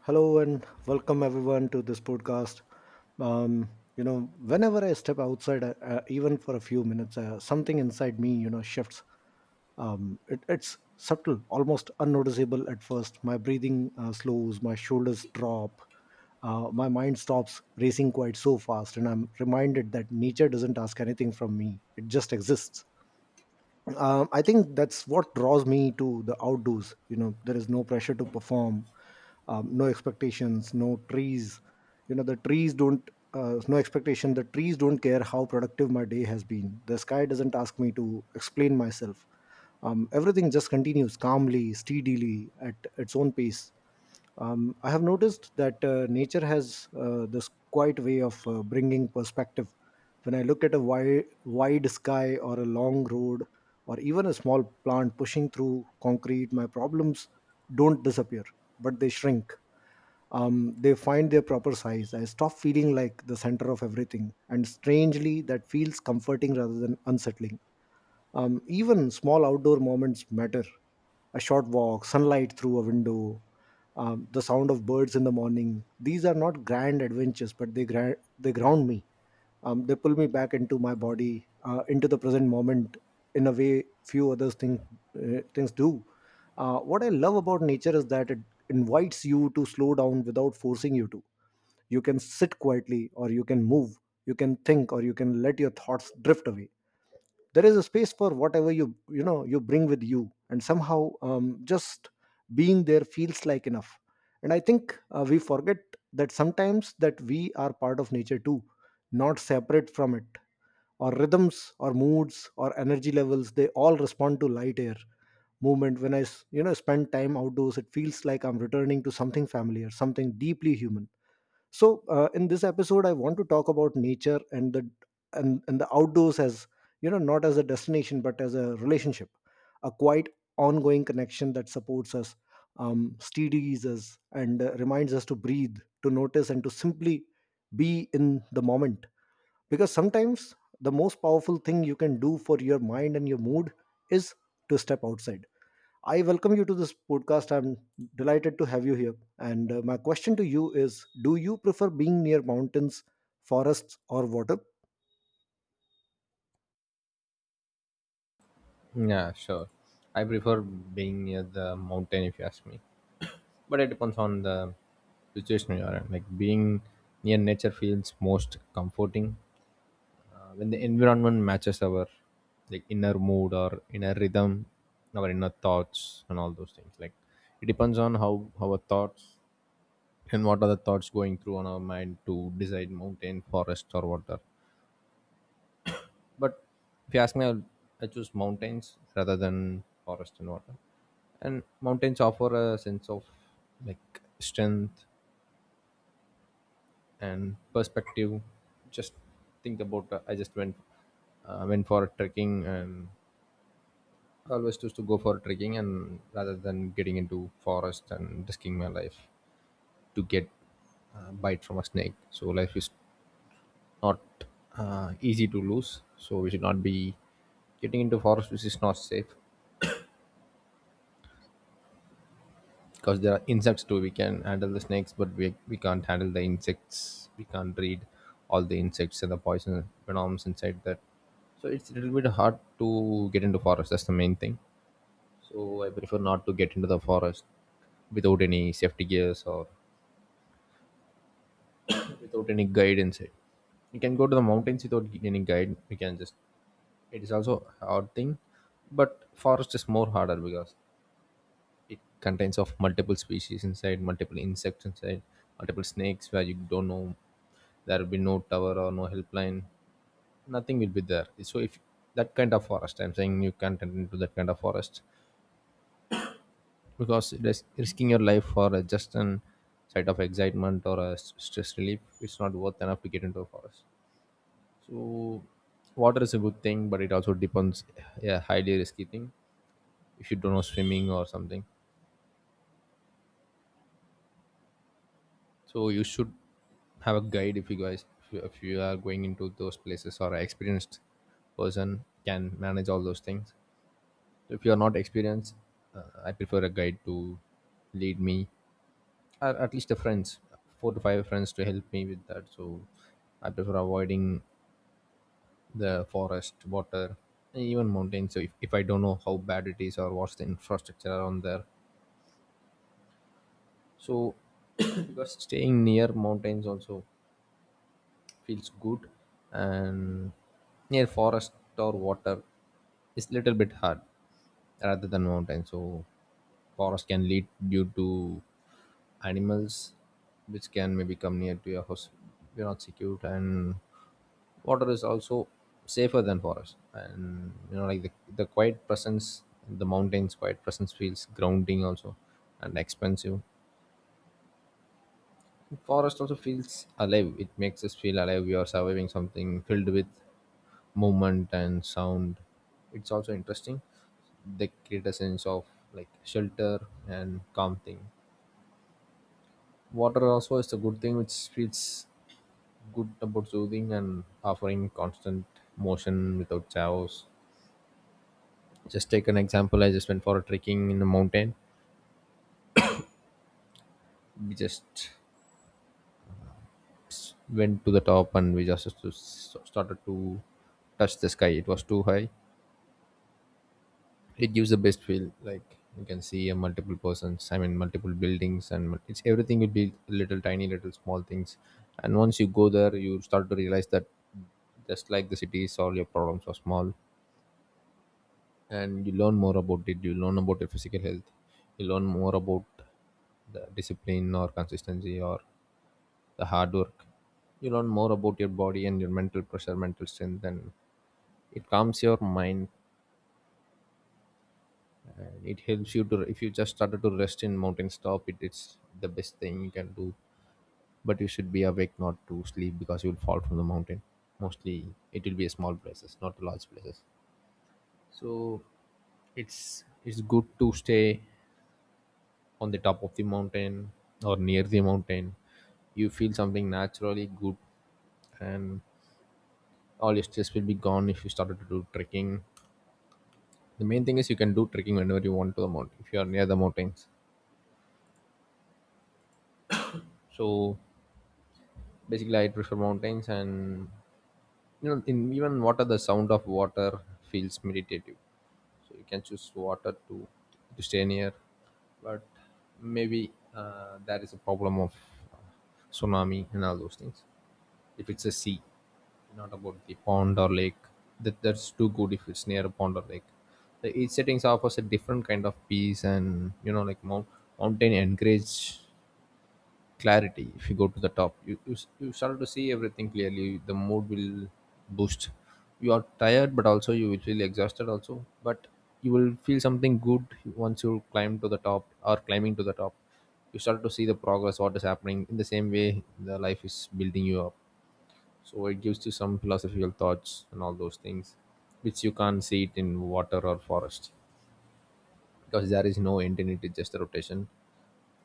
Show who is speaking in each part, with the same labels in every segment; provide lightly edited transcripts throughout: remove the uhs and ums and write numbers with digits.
Speaker 1: Hello and welcome everyone to this podcast. Um, Whenever I step outside, even for a few minutes, something inside me, shifts. It's subtle, almost unnoticeable at first. My breathing slows, my shoulders drop, my mind stops racing quite so fast, and I'm reminded that nature doesn't ask anything from me; it just exists. I think that's what draws me to the outdoors. You know, there is no pressure to perform, no expectations, no trees. The trees don't care how productive my day has been. The sky doesn't ask me to explain myself. Everything just continues calmly, steadily at its own pace. I have noticed that nature has this quiet way of bringing perspective. When I look at a wide sky or a long road or even a small plant pushing through concrete, my problems don't disappear, but they shrink. They find their proper size. I stop feeling like the center of everything. And strangely, that feels comforting rather than unsettling. Even small outdoor moments matter. A short walk, sunlight through a window, the sound of birds in the morning. These are not grand adventures, but they ground me. They pull me back into my body, into the present moment, in a way few other things do. What I love about nature is that it invites you to slow down without forcing you to. You can sit quietly, or you can move, you can think, or you can let your thoughts drift away. There is a space for whatever you you know you bring with you, and somehow, just being there feels like enough. And I think we forget that sometimes, that we are part of nature too, not separate from it. Our rhythms, our moods, our energy levels, they all respond to light, air, movement. When I spend time outdoors, it feels like I'm returning to something familiar, something deeply human. So in this episode I want to talk about nature and the outdoors as, you know, not as a destination but as a relationship, a quite ongoing connection that supports us, steadies us and reminds us to breathe, to notice and to simply be in the moment. Because sometimes the most powerful thing you can do for your mind and your mood is to step outside. I welcome you to this podcast. I'm delighted to have you here. And my question to you is, do you prefer being near mountains, forests, or water?
Speaker 2: Yeah, sure. I prefer being near the mountain if you ask me. But it depends on the situation you are in. Like being near nature feels most comforting when the environment matches our like inner mood or inner rhythm, our inner thoughts and all those things. Like it depends on how our thoughts and what are the thoughts going through on our mind to decide mountain, forest or water. But if you ask me, I choose mountains rather than forest and water. And mountains offer a sense of like strength and perspective. Just think about I just went went for trekking, and I always choose to go for trekking and rather than getting into forest and risking my life to get a bite from a snake. So life is not easy to lose. So we should not be getting into forest which is not safe. Because there are insects too. We can handle the snakes, but we can't handle the insects. We can't read all the insects and the poison venoms inside that. So it's a little bit hard to get into forest. That's the main thing. So I prefer not to get into the forest without any safety gears or without any guide inside. You can go to the mountains without any guide. We can just, it is also a hard thing, but forest is more harder because it contains of multiple species inside, multiple insects inside, multiple snakes where you don't know. There will be no tower or no helpline. Nothing will be there. So if that kind of forest, I'm saying, you can't enter into that kind of forest because it is risking your life for a just an site of excitement or a stress relief. It's not worth enough to get into a forest. So water is a good thing, but it also depends. A highly risky thing if you don't know swimming or something. So you should have a guide. If you guys, if you are going into those places, or an experienced person can manage all those things. If you are not experienced, I prefer a guide to lead me, or at least a friends, four to five friends to help me with that. So I prefer avoiding the forest, water, and even mountains. So if I don't know how bad it is or what's the infrastructure around there, so because staying near mountains also feels good, and near forest or water is little bit hard rather than mountain. So forest can lead due to animals which can maybe come near to your house. You're not secured. And water is also safer than forest. And you know, like the quiet presence, the mountains quiet presence feels grounding also, and expensive. Forest also feels alive. It makes us feel alive. We are surviving something filled with movement and sound. It's also interesting. They create a sense of like shelter and calm thing. Water also is a good thing which feels good about soothing and offering constant motion without chaos. Just take an example. I just went for a trekking in the mountain. We just went to the top, and we just started to touch the sky. It was too high. It gives the best feel. Like you can see a multiple persons, I mean multiple buildings, and it's everything will be little tiny little small things. And once you go there, you start to realize that just like the cities, all your problems are small. And you learn more about it. You learn about your physical health. You learn more about the discipline or consistency or the hard work. You learn more about your body and your mental pressure, mental strength. And it calms your mind, and it helps you to, if you just started to rest in mountains top, it is the best thing you can do. But you should be awake, not to sleep, because you will fall from the mountain. Mostly it will be a small places, not large places. So it's good to stay on the top of the mountain or near the mountain. You feel something naturally good. And all your stress will be gone if you started to do trekking. The main thing is you can do trekking whenever you want to the mountain if you are near the mountains. So basically I prefer mountains. And you know, in even water, the sound of water feels meditative. So you can choose water to stay near. But maybe that is a problem of uh, tsunami and all those things, if it's a sea, not about the pond or lake. That that's too good if it's near a pond or lake. The each settings offers a different kind of peace. And you know, like mountain encourage clarity. If you go to the top, you you start to see everything clearly. The mood will boost. You are tired, but also you will feel exhausted also, but you will feel something good. Once you climb to the top or climbing to the top, you start to see the progress, what is happening. In the same way, the life is building you up. So it gives you some philosophical thoughts and all those things, which you can't see it in water or forest, because there is no end in it. It's just a rotation.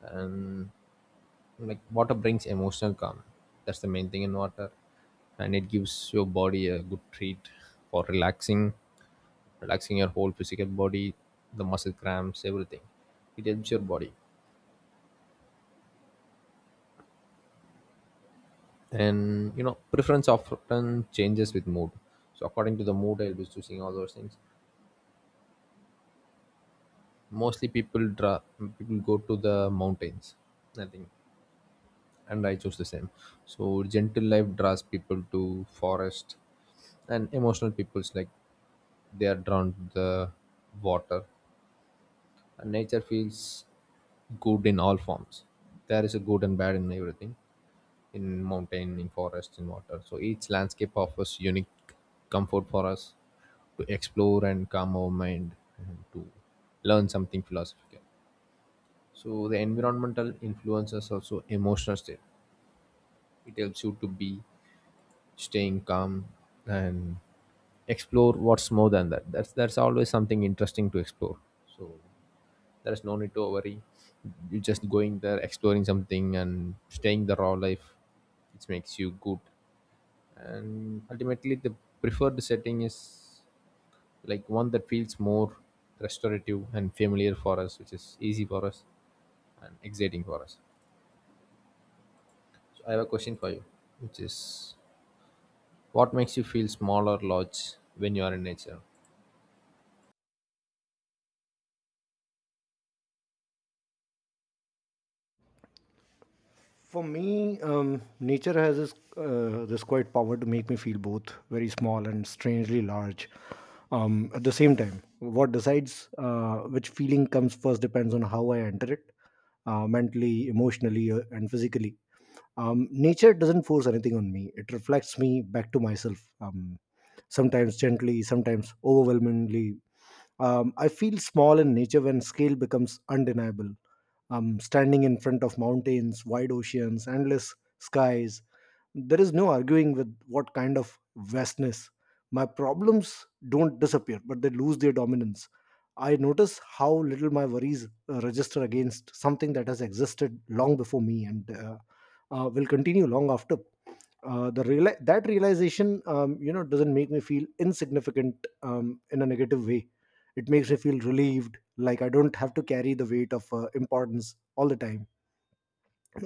Speaker 2: And like water brings emotional calm. That's the main thing in water. And it gives your body a good treat for relaxing, relaxing your whole physical body, the muscle cramps, everything. It helps your body. And you know, preference often changes with mood. So according to the mood, I'll be choosing all those things. Mostly people draw, people go to the mountains, nothing. And I chose the same. So gentle life draws people to forest, and emotional people's like, they are drawn to the water. And nature feels good in all forms. There is a good and bad in everything, in mountain, in forest, in water. So each landscape offers unique comfort for us to explore and calm our mind, and to learn something philosophical. So the environmental influences also emotional state. It helps you to be staying calm, and explore what's more than that. That's always something interesting to explore. So there's no need to worry. You're just going there, exploring something and staying the raw life, which makes you good. And ultimately the preferred setting is like one that feels more restorative and familiar for us, which is easy for us and exciting for us. So I have a question for you, which is, what makes you feel small or large when you are in nature?
Speaker 1: For me, nature has this, this quiet power to make me feel both very small and strangely large. At the same time, what decides which feeling comes first depends on how I enter it, mentally, emotionally, and physically. Nature doesn't force anything on me; it reflects me back to myself. Sometimes gently, sometimes overwhelmingly. I feel small in nature when scale becomes undeniable, standing in front of mountains, wide oceans, endless skies. There is no arguing with what kind of vastness. My problems don't disappear, but they lose their dominance. I notice how little my worries register against something that has existed long before me and will continue long after. That realization, you know, doesn't make me feel insignificant, in a negative way. It makes me feel relieved, like I don't have to carry the weight of importance all the time.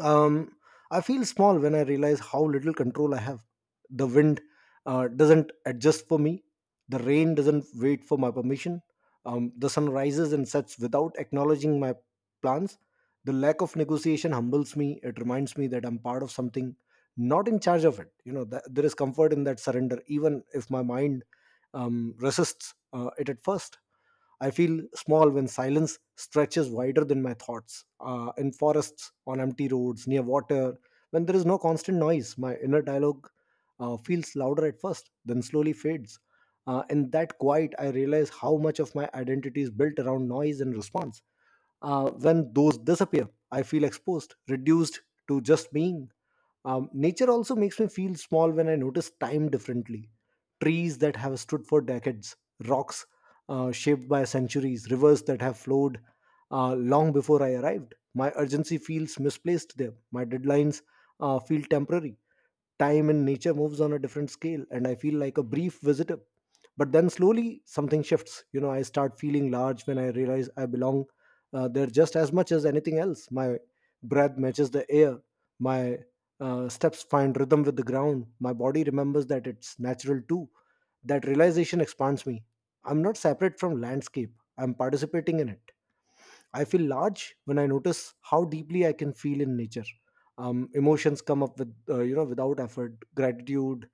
Speaker 1: um, I feel small when I realize how little control I have. The wind doesn't adjust for me. The rain doesn't wait for my permission. The sun rises and sets without acknowledging my plans. The lack of negotiation humbles me. It reminds me that I'm part of something, not in charge of it. You know, there is comfort in that surrender, even if my mind resists it at first. I feel small when silence stretches wider than my thoughts. In forests, on empty roads, near water, when there is no constant noise, my inner dialogue feels louder at first, then slowly fades. In that quiet, I realize how much of my identity is built around noise and response. When those disappear, I feel exposed, reduced to just being. Nature also makes me feel small when I notice time differently. Trees that have stood for decades, rocks shaped by centuries, rivers that have flowed long before I arrived. My urgency feels misplaced there. My deadlines feel temporary. Time and nature moves on a different scale, and I feel like a brief visitor. But then slowly something shifts, you know, I start feeling large when I realize I belong there, just as much as anything else. My breath matches the air, my steps find rhythm with the ground, my body remembers that it's natural too. That realization expands me. I'm not separate from landscape, I'm participating in it. I feel large when I notice how deeply I can feel in nature. Emotions come up with without effort, gratitude,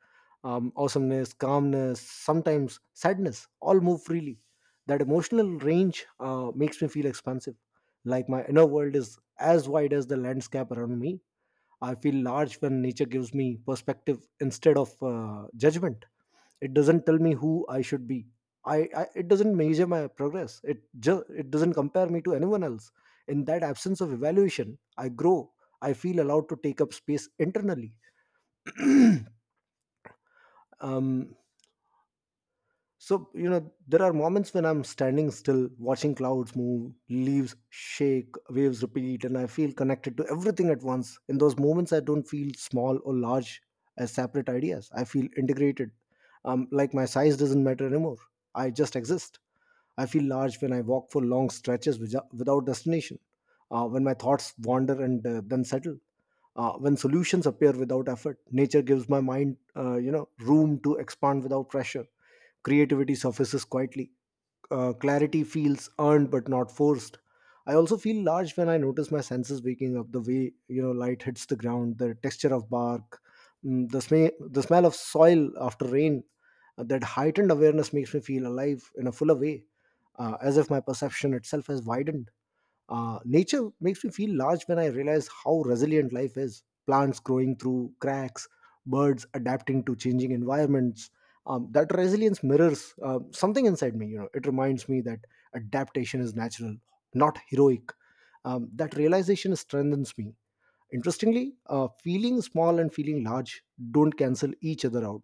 Speaker 1: awesomeness, calmness, sometimes sadness. All move freely. That emotional range makes me feel expansive, like my inner world is as wide as the landscape around me. I feel large when nature gives me perspective instead of judgment. It doesn't tell me who I should be, I it doesn't measure my progress, it just it doesn't compare me to anyone else. In that absence of evaluation I grow, I feel allowed to take up space internally. Um so you know there are moments when I'm standing still, watching clouds move, leaves shake, waves repeat, and I feel connected to everything at once. In those moments I don't feel small or large as separate ideas, I feel integrated. Like my size doesn't matter anymore, I just exist. I feel large when I walk for long stretches without destination, when my thoughts wander and then settle, when solutions appear without effort. Nature gives my mind, you know, room to expand without pressure. Creativity surfaces quietly, clarity feels earned but not forced. I also feel large when I notice my senses waking up, the way, you know, light hits the ground, the texture of bark, the smell of soil after rain. That heightened awareness makes me feel alive in a fuller way, as if my perception itself has widened. Uh, nature makes me feel large when I realize how resilient life is. Plants growing through cracks, birds adapting to changing environments. That resilience mirrors something inside me. You know, it reminds me that adaptation is natural, not heroic. That realization strengthens me. Interestingly, feeling small and feeling large don't cancel each other out,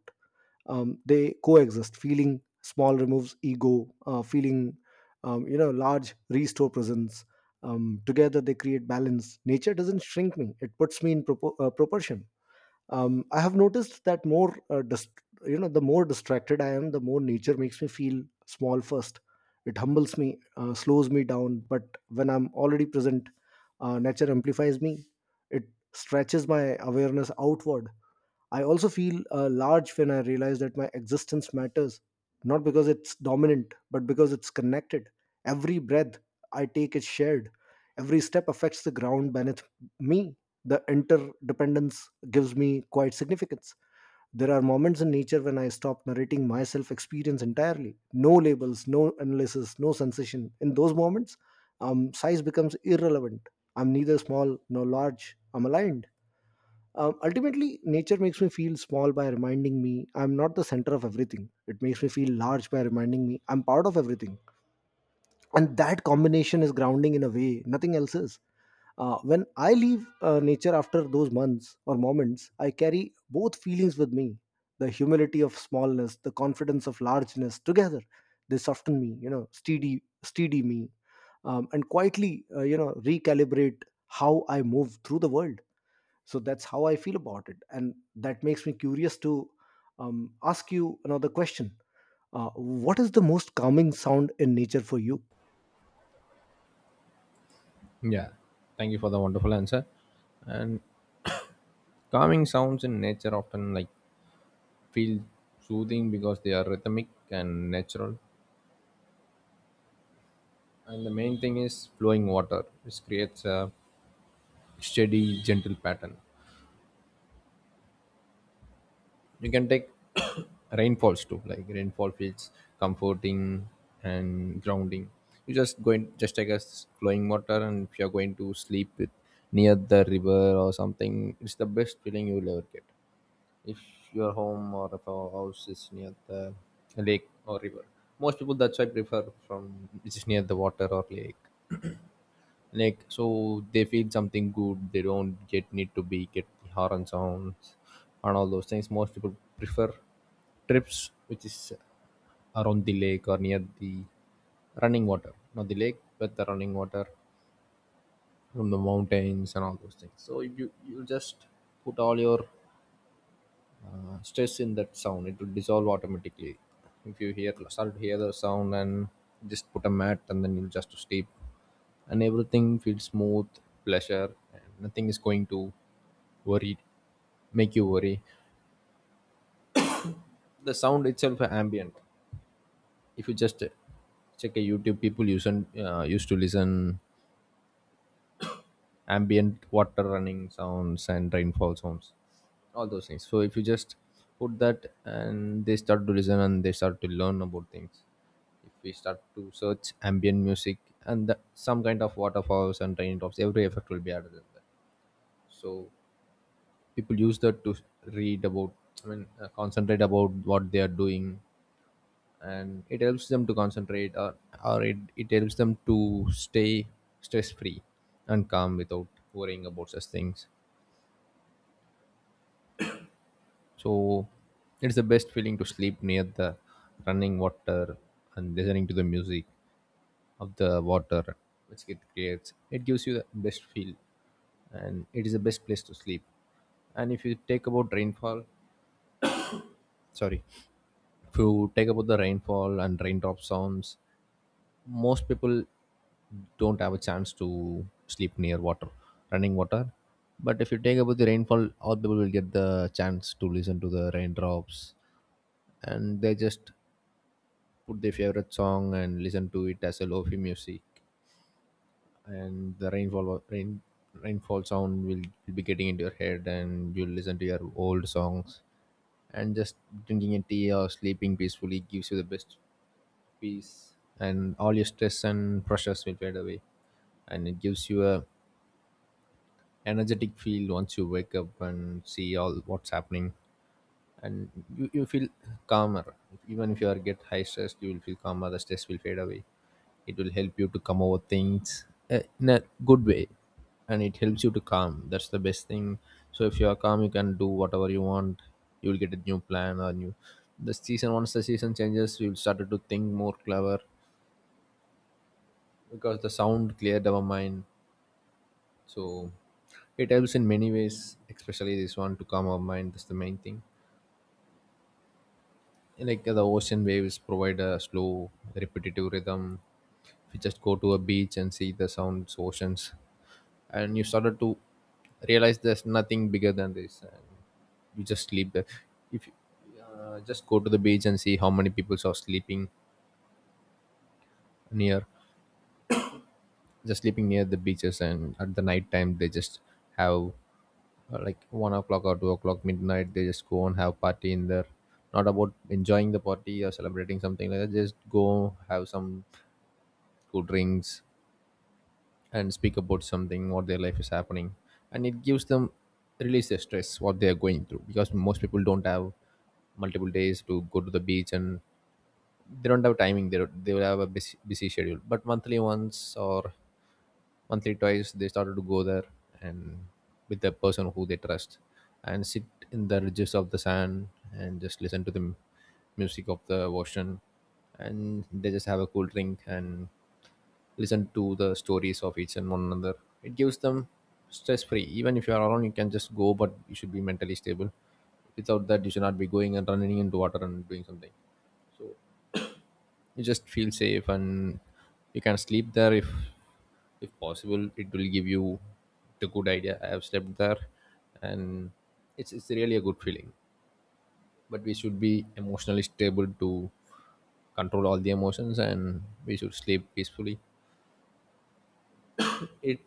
Speaker 1: they coexist. Feeling small removes ego, feeling, you know, large restore presence. Um, together they create balance. Nature doesn't shrink me, it puts me in proportion. I have noticed that more, you know, the more distracted I am, the more nature makes me feel small first. It humbles me, slows me down. But when I'm already present, nature amplifies me. It stretches my awareness outward. I also feel large when I realize that my existence matters, not because it's dominant but because it's connected. Every breath I take is shared, every step affects the ground beneath me. The interdependence gives me quite significance. There are moments in nature when I stop narrating myself experience entirely. No labels, no analysis, no sensation. In those moments, size becomes irrelevant. I'm neither small nor large. I'm aligned. Ultimately, nature makes me feel small by reminding me I'm not the center of everything. It makes me feel large by reminding me I'm part of everything, and that combination is grounding in a way nothing else is. When I leave nature after those months or moments, I carry both feelings with me: the humility of smallness, the confidence of largeness. Together they soften me, steady me, and quietly recalibrate how I move through the world. So that's how I feel about it, and that makes me curious to ask you another question. What is the most calming sound in nature for you?
Speaker 2: Yeah, thank you for the wonderful answer. And calming sounds in nature often like feel soothing because they are rhythmic and natural. And the main thing is flowing water, which creates a steady, gentle pattern. You can take rainfalls too. Like rainfall feels comforting and grounding. You just going just take a flowing water, and if you're going to sleep with near the river or something, it's the best feeling you'll ever get. If your home or if your house is near the lake or river, most people that's why prefer from which is near the water or lake. Like so they feel something good. They don't get need to be get the horn sounds and all those things. Most people prefer trips which is around the lake or near the running water, not the lake but the running water from the mountains and all those things. So you just put all your stress in that sound. It will dissolve automatically if you hear start to hear the sound. And just put a mat and then you'll just to sleep, and everything feels smooth pleasure, and nothing is going to worry, make you worry. The sound itself are ambient. If you just check a YouTube, people use and used to listen ambient water running sounds and rainfall sounds, all those things. So if you just put that, and they start to listen and they start to learn about things. If we start to search ambient music and some kind of waterfalls and raindrops, every effect will be added in that. So people use that to read about, I mean concentrate about what they are doing. And it helps them to concentrate, or it helps them to stay stress free and calm without worrying about such things. So it's the best feeling to sleep near the running water and listening to the music of the water which it creates. It gives you the best feel, and it is the best place to sleep. And if you take about rainfall, sorry, If you take about the rainfall and raindrop sounds, most people don't have a chance to sleep near water, running water. But if you take about the rainfall, all people will get the chance to listen to the raindrops, and they just put their favorite song and listen to it as a lofi music. And the rainfall wa- rain rainfall sound will be getting into your head, and you'll listen to your old songs, and just drinking a tea or sleeping peacefully gives you the best peace. And all your stress and pressures will fade away, and it gives you a energetic feel once you wake up and see all what's happening. And you feel calmer. Even if you are get high stress, you will feel calmer, the stress will fade away. It will help you to come over things in a good way, and it helps you to calm, that's the best thing. So if you are calm, you can do whatever you want. You will get a new plan or new. The season, once the season changes, we will started to think more clever because the sound cleared our mind. So it helps in many ways, especially this one, to calm our mind, that's the main thing. Like the ocean waves provide a slow repetitive rhythm. If you just go to a beach and see the sounds oceans, and you started to realize there's nothing bigger than this. And you just sleep there. If you just go to the beach and see how many people are sleeping near, just sleeping near the beaches, and at the night time they just have like 1 o'clock or 2 o'clock midnight, they just go and have party in there. Not about enjoying the party or celebrating something like that, just go have some, who drinks, and speak about something what their life is happening. And it gives them release their stress what they are going through, because most people don't have multiple days to go to the beach. And they don't have timing, they, don't- they will have a busy, busy schedule, but monthly once or monthly twice they started to go there. And with the person who they trust, and sit in the ridges of the sand, and just listen to the music of the ocean. And they just have a cool drink and listen to the stories of each and one another. It gives them stress free. Even if you are alone you can just go, but you should be mentally stable. Without that you should not be going and running into water and doing something. So you just feel safe, and you can sleep there if possible it will give you the good idea. I have slept there, and it's really a good feeling. But we should be emotionally stable to control all the emotions, and we should sleep peacefully. it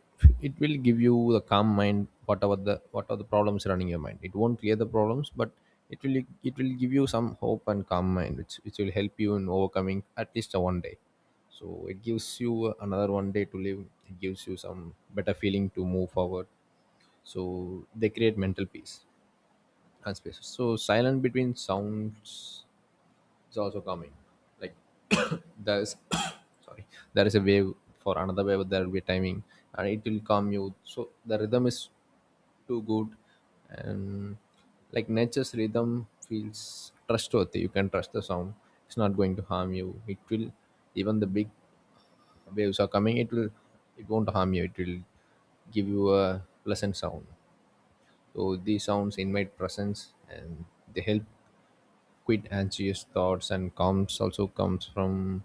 Speaker 2: it will give you the calm mind. Whatever the what are the problems running your mind, it won't clear the problems, but it will, it will give you some hope and calm mind which will help you in overcoming at least a one day. So it gives you another one day to live. It gives you some better feeling to move forward. So they create mental peace and space, so silent between sounds is also coming. Like there is sorry, there is a wave for another wave. There will be timing, and it will come you. So the rhythm is too good, and like nature's rhythm feels trustworthy. You can trust the sound. It's not going to harm you. It will, even the big waves are coming, it will, it won't harm you, it will give you a pleasant sound. So these sounds invite presence, and they help quite anxious thoughts, and calms also comes from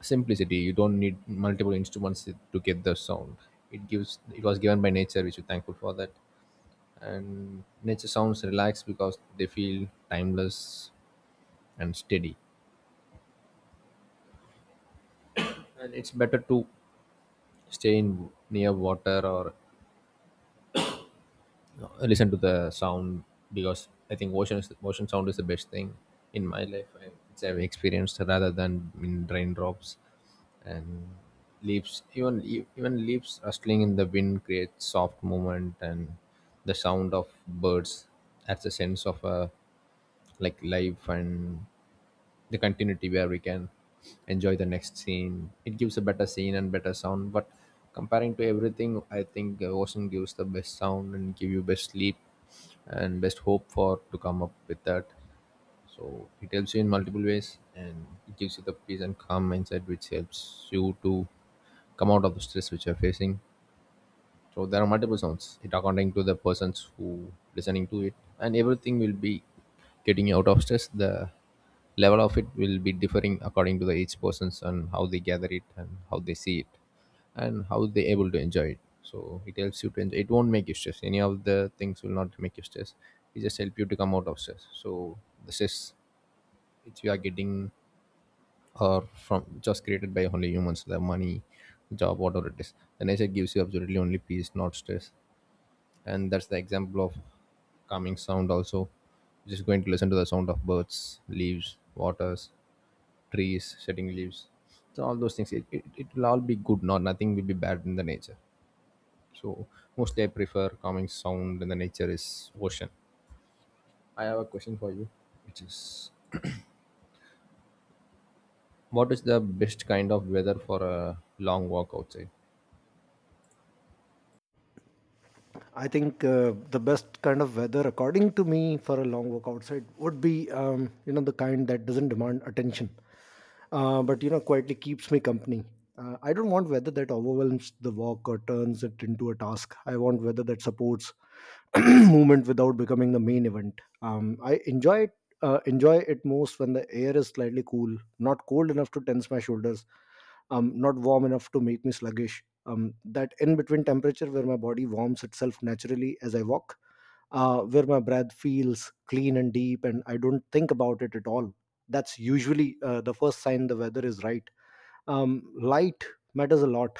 Speaker 2: simplicity. You don't need multiple instruments to get the sound, it gives, it was given by nature, which we're thankful for that. And nature sounds relaxed because they feel timeless and steady. And it's better to stay in near water, or you know, listen to the sound. Because I think ocean sound is the best thing in my life. It's I've experienced rather than in raindrops and leaves. Even even leaves rustling in the wind creates soft movement, and the sound of birds adds a sense of a like life and the continuity where we can enjoy the next scene. It gives a better scene and better sound. But comparing to everything, I think ocean gives the best sound and give you best sleep and best hope for to come up with that. So it helps you in multiple ways, and it gives you the peace and calm mindset, which helps you to come out of the stress which you're facing. So there are multiple sounds. It according to the persons who listening to it, and everything will be getting out of stress. The level of it will be differing according to the each persons and how they gather it and how they see it and how they able to enjoy it. So it helps you to enjoy. It won't make you stress. Any of the things will not make you stress. It just help you to come out of stress. So the stress which we are getting are from just created by only humans. The money, job, whatever it is. The nature gives you absolutely only peace, not stress. And that's the example of calming sound also. Just going to listen to the sound of birds, leaves, waters, trees shedding leaves. So all those things, it will all be good. Not nothing will be bad in the nature. So mostly I prefer calming sound when the nature is ocean. I have a question for you, which is, what is the best kind of weather for a long walk outside?
Speaker 1: I think the best kind of weather, according to me, for a long walk outside would be, you know, the kind that doesn't demand attention, but you know, quietly keeps me company. I don't want weather that overwhelms the walk or turns it into a task. I want weather that supports movement without becoming the main event. I enjoy it, enjoy it most when the air is slightly cool, not cold enough to tense my shoulders, not warm enough to make me sluggish. That in between temperature where my body warms itself naturally as I walk, where my breath feels clean and deep and I don't think about it at all, that's usually the first sign the weather is right. Light matters a lot,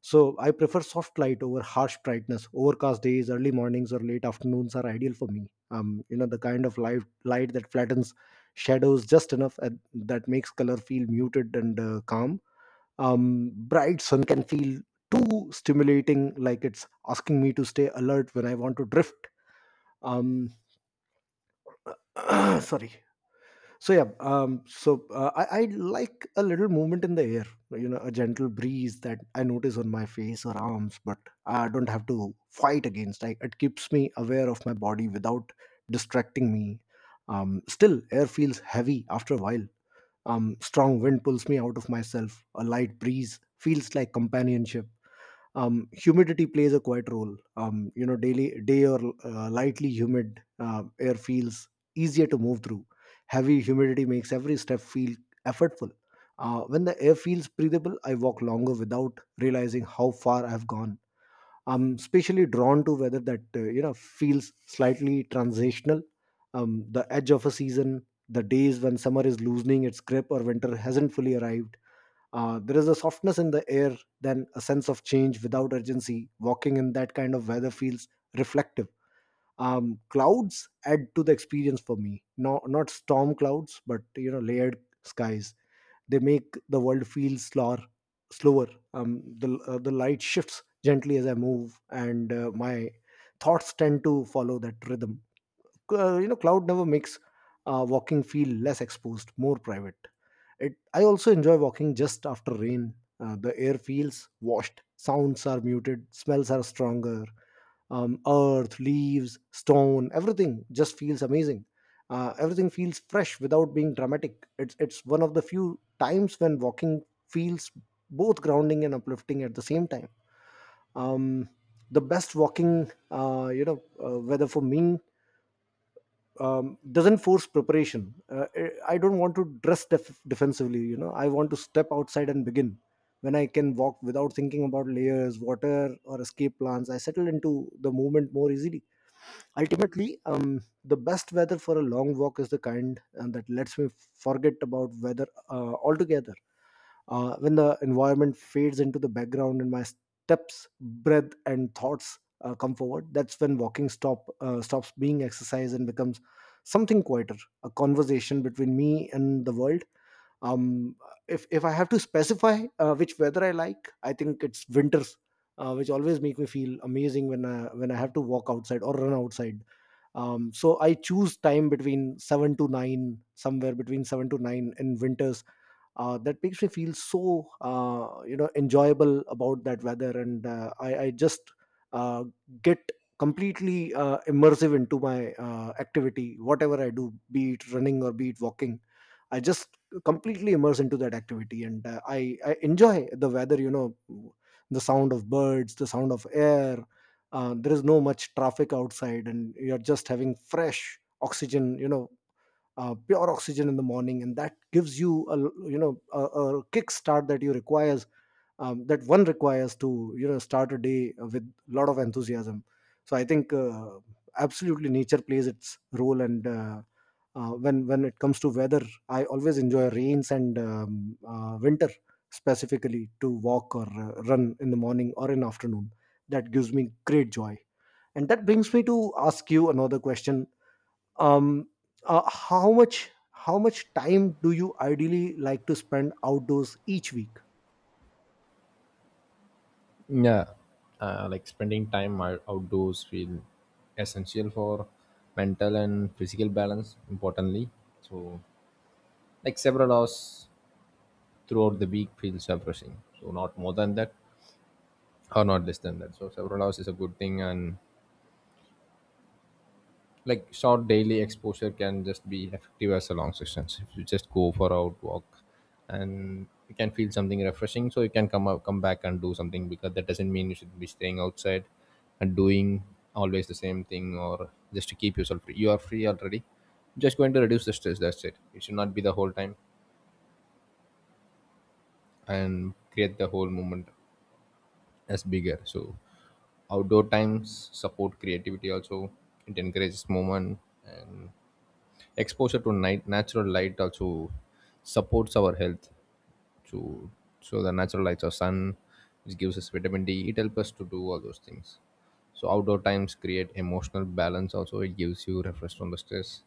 Speaker 1: so I prefer soft light over harsh brightness. Overcast days, early mornings or late afternoons are ideal for me. You know, the kind of light that flattens shadows just enough and that makes color feel muted and calm. Bright sun can feel too stimulating, like it's asking me to stay alert when I want to drift. um Sorry. So yeah, so I like a little movement in the air, you know, a gentle breeze that I notice on my face or arms but I don't have to fight against. Like, it keeps me aware of my body without distracting me. Still air feels heavy after a while. Strong wind pulls me out of myself; a light breeze feels like companionship. Humidity plays a quite role. You know, daily day or lightly humid air feels easier to move through. Heavy humidity makes every step feel effortful. When the air feels breathable, I walk longer without realizing how far I have gone. I'm especially drawn to weather that feels slightly transitional, the edge of a season, the days when summer is loosening its grip or winter hasn't fully arrived. There is a softness in the air, then a sense of change without urgency. Walking in that kind of weather feels reflective. Clouds add to the experience for me. Not storm clouds, but you know, layered skies. They make the world feel slower. The the light shifts gently as I move, and my thoughts tend to follow that rhythm. You know, cloud never makes walking feel less exposed, more private. It— I also enjoy walking just after rain. The air feels washed, sounds are muted, smells are stronger. Earth, leaves, stone, everything just feels amazing. Everything feels fresh without being dramatic. It's one of the few times when walking feels both grounding and uplifting at the same time. Um, the best walking, whether for me doesn't force preparation. I don't want to dress defensively. You know, I want to step outside and begin. When I can walk without thinking about layers, water, or escape plans, I settle into the movement more easily. Ultimately, the best weather for a long walk is the kind that lets me forget about weather altogether. When the environment fades into the background and my steps, breath and thoughts come forward, that's when walking stops being exercise and becomes something quieter, a conversation between me and the world. um, if I have to specify which weather I like, I think it's winters, which always make me feel amazing when I have to walk outside or run outside. So I choose time between 7 to 9, somewhere between 7 to 9 in winters, that makes me feel so enjoyable about that weather. And I just uh, get completely immersive into my activity, whatever I do, be it running or be it walking. I just completely immerse into that activity and I enjoy the weather, you know, the sound of birds, the sound of air. There is no much traffic outside and you're just having fresh oxygen, you know, pure oxygen in the morning, and that gives you you know, a kick start that you requires, that one requires, to you know, start a day with a lot of enthusiasm. So I think absolutely nature plays its role. And when it comes to weather, I always enjoy rains and winter specifically, to walk or run in the morning or in afternoon. That gives me great joy, and that brings me to ask you another question. um how much, how much time do you ideally like to spend outdoors each week?
Speaker 2: Yeah, like spending time outdoors feel essential for mental and physical balance. Importantly, so like several hours throughout the week feels refreshing. So not more than that, or not less than that. So several hours is a good thing. And like short daily exposure can just be effective as a long sessions if you just go for out walk, and you can feel something refreshing, so you can come out come back and do something, because that doesn't mean you should be staying outside and doing always the same thing, or just to keep yourself free, you are free already. Just going to reduce the stress, that's it. It should not be the whole time and create the whole moment as bigger. So outdoor times support creativity also. It encourages movement, and exposure to night natural light also supports our health to. So the natural lights of sun which gives us vitamin D, it helps us to do all those things. So outdoor times create emotional balance also, it gives you refresh from the stress.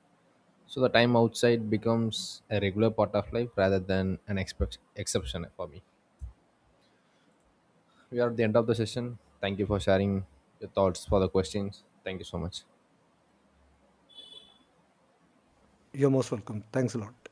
Speaker 2: So the time outside becomes a regular part of life rather than an exception for me. We are at the end of the session. Thank you for sharing your thoughts for the questions. Thank you so much.
Speaker 1: You're most welcome. Thanks a lot.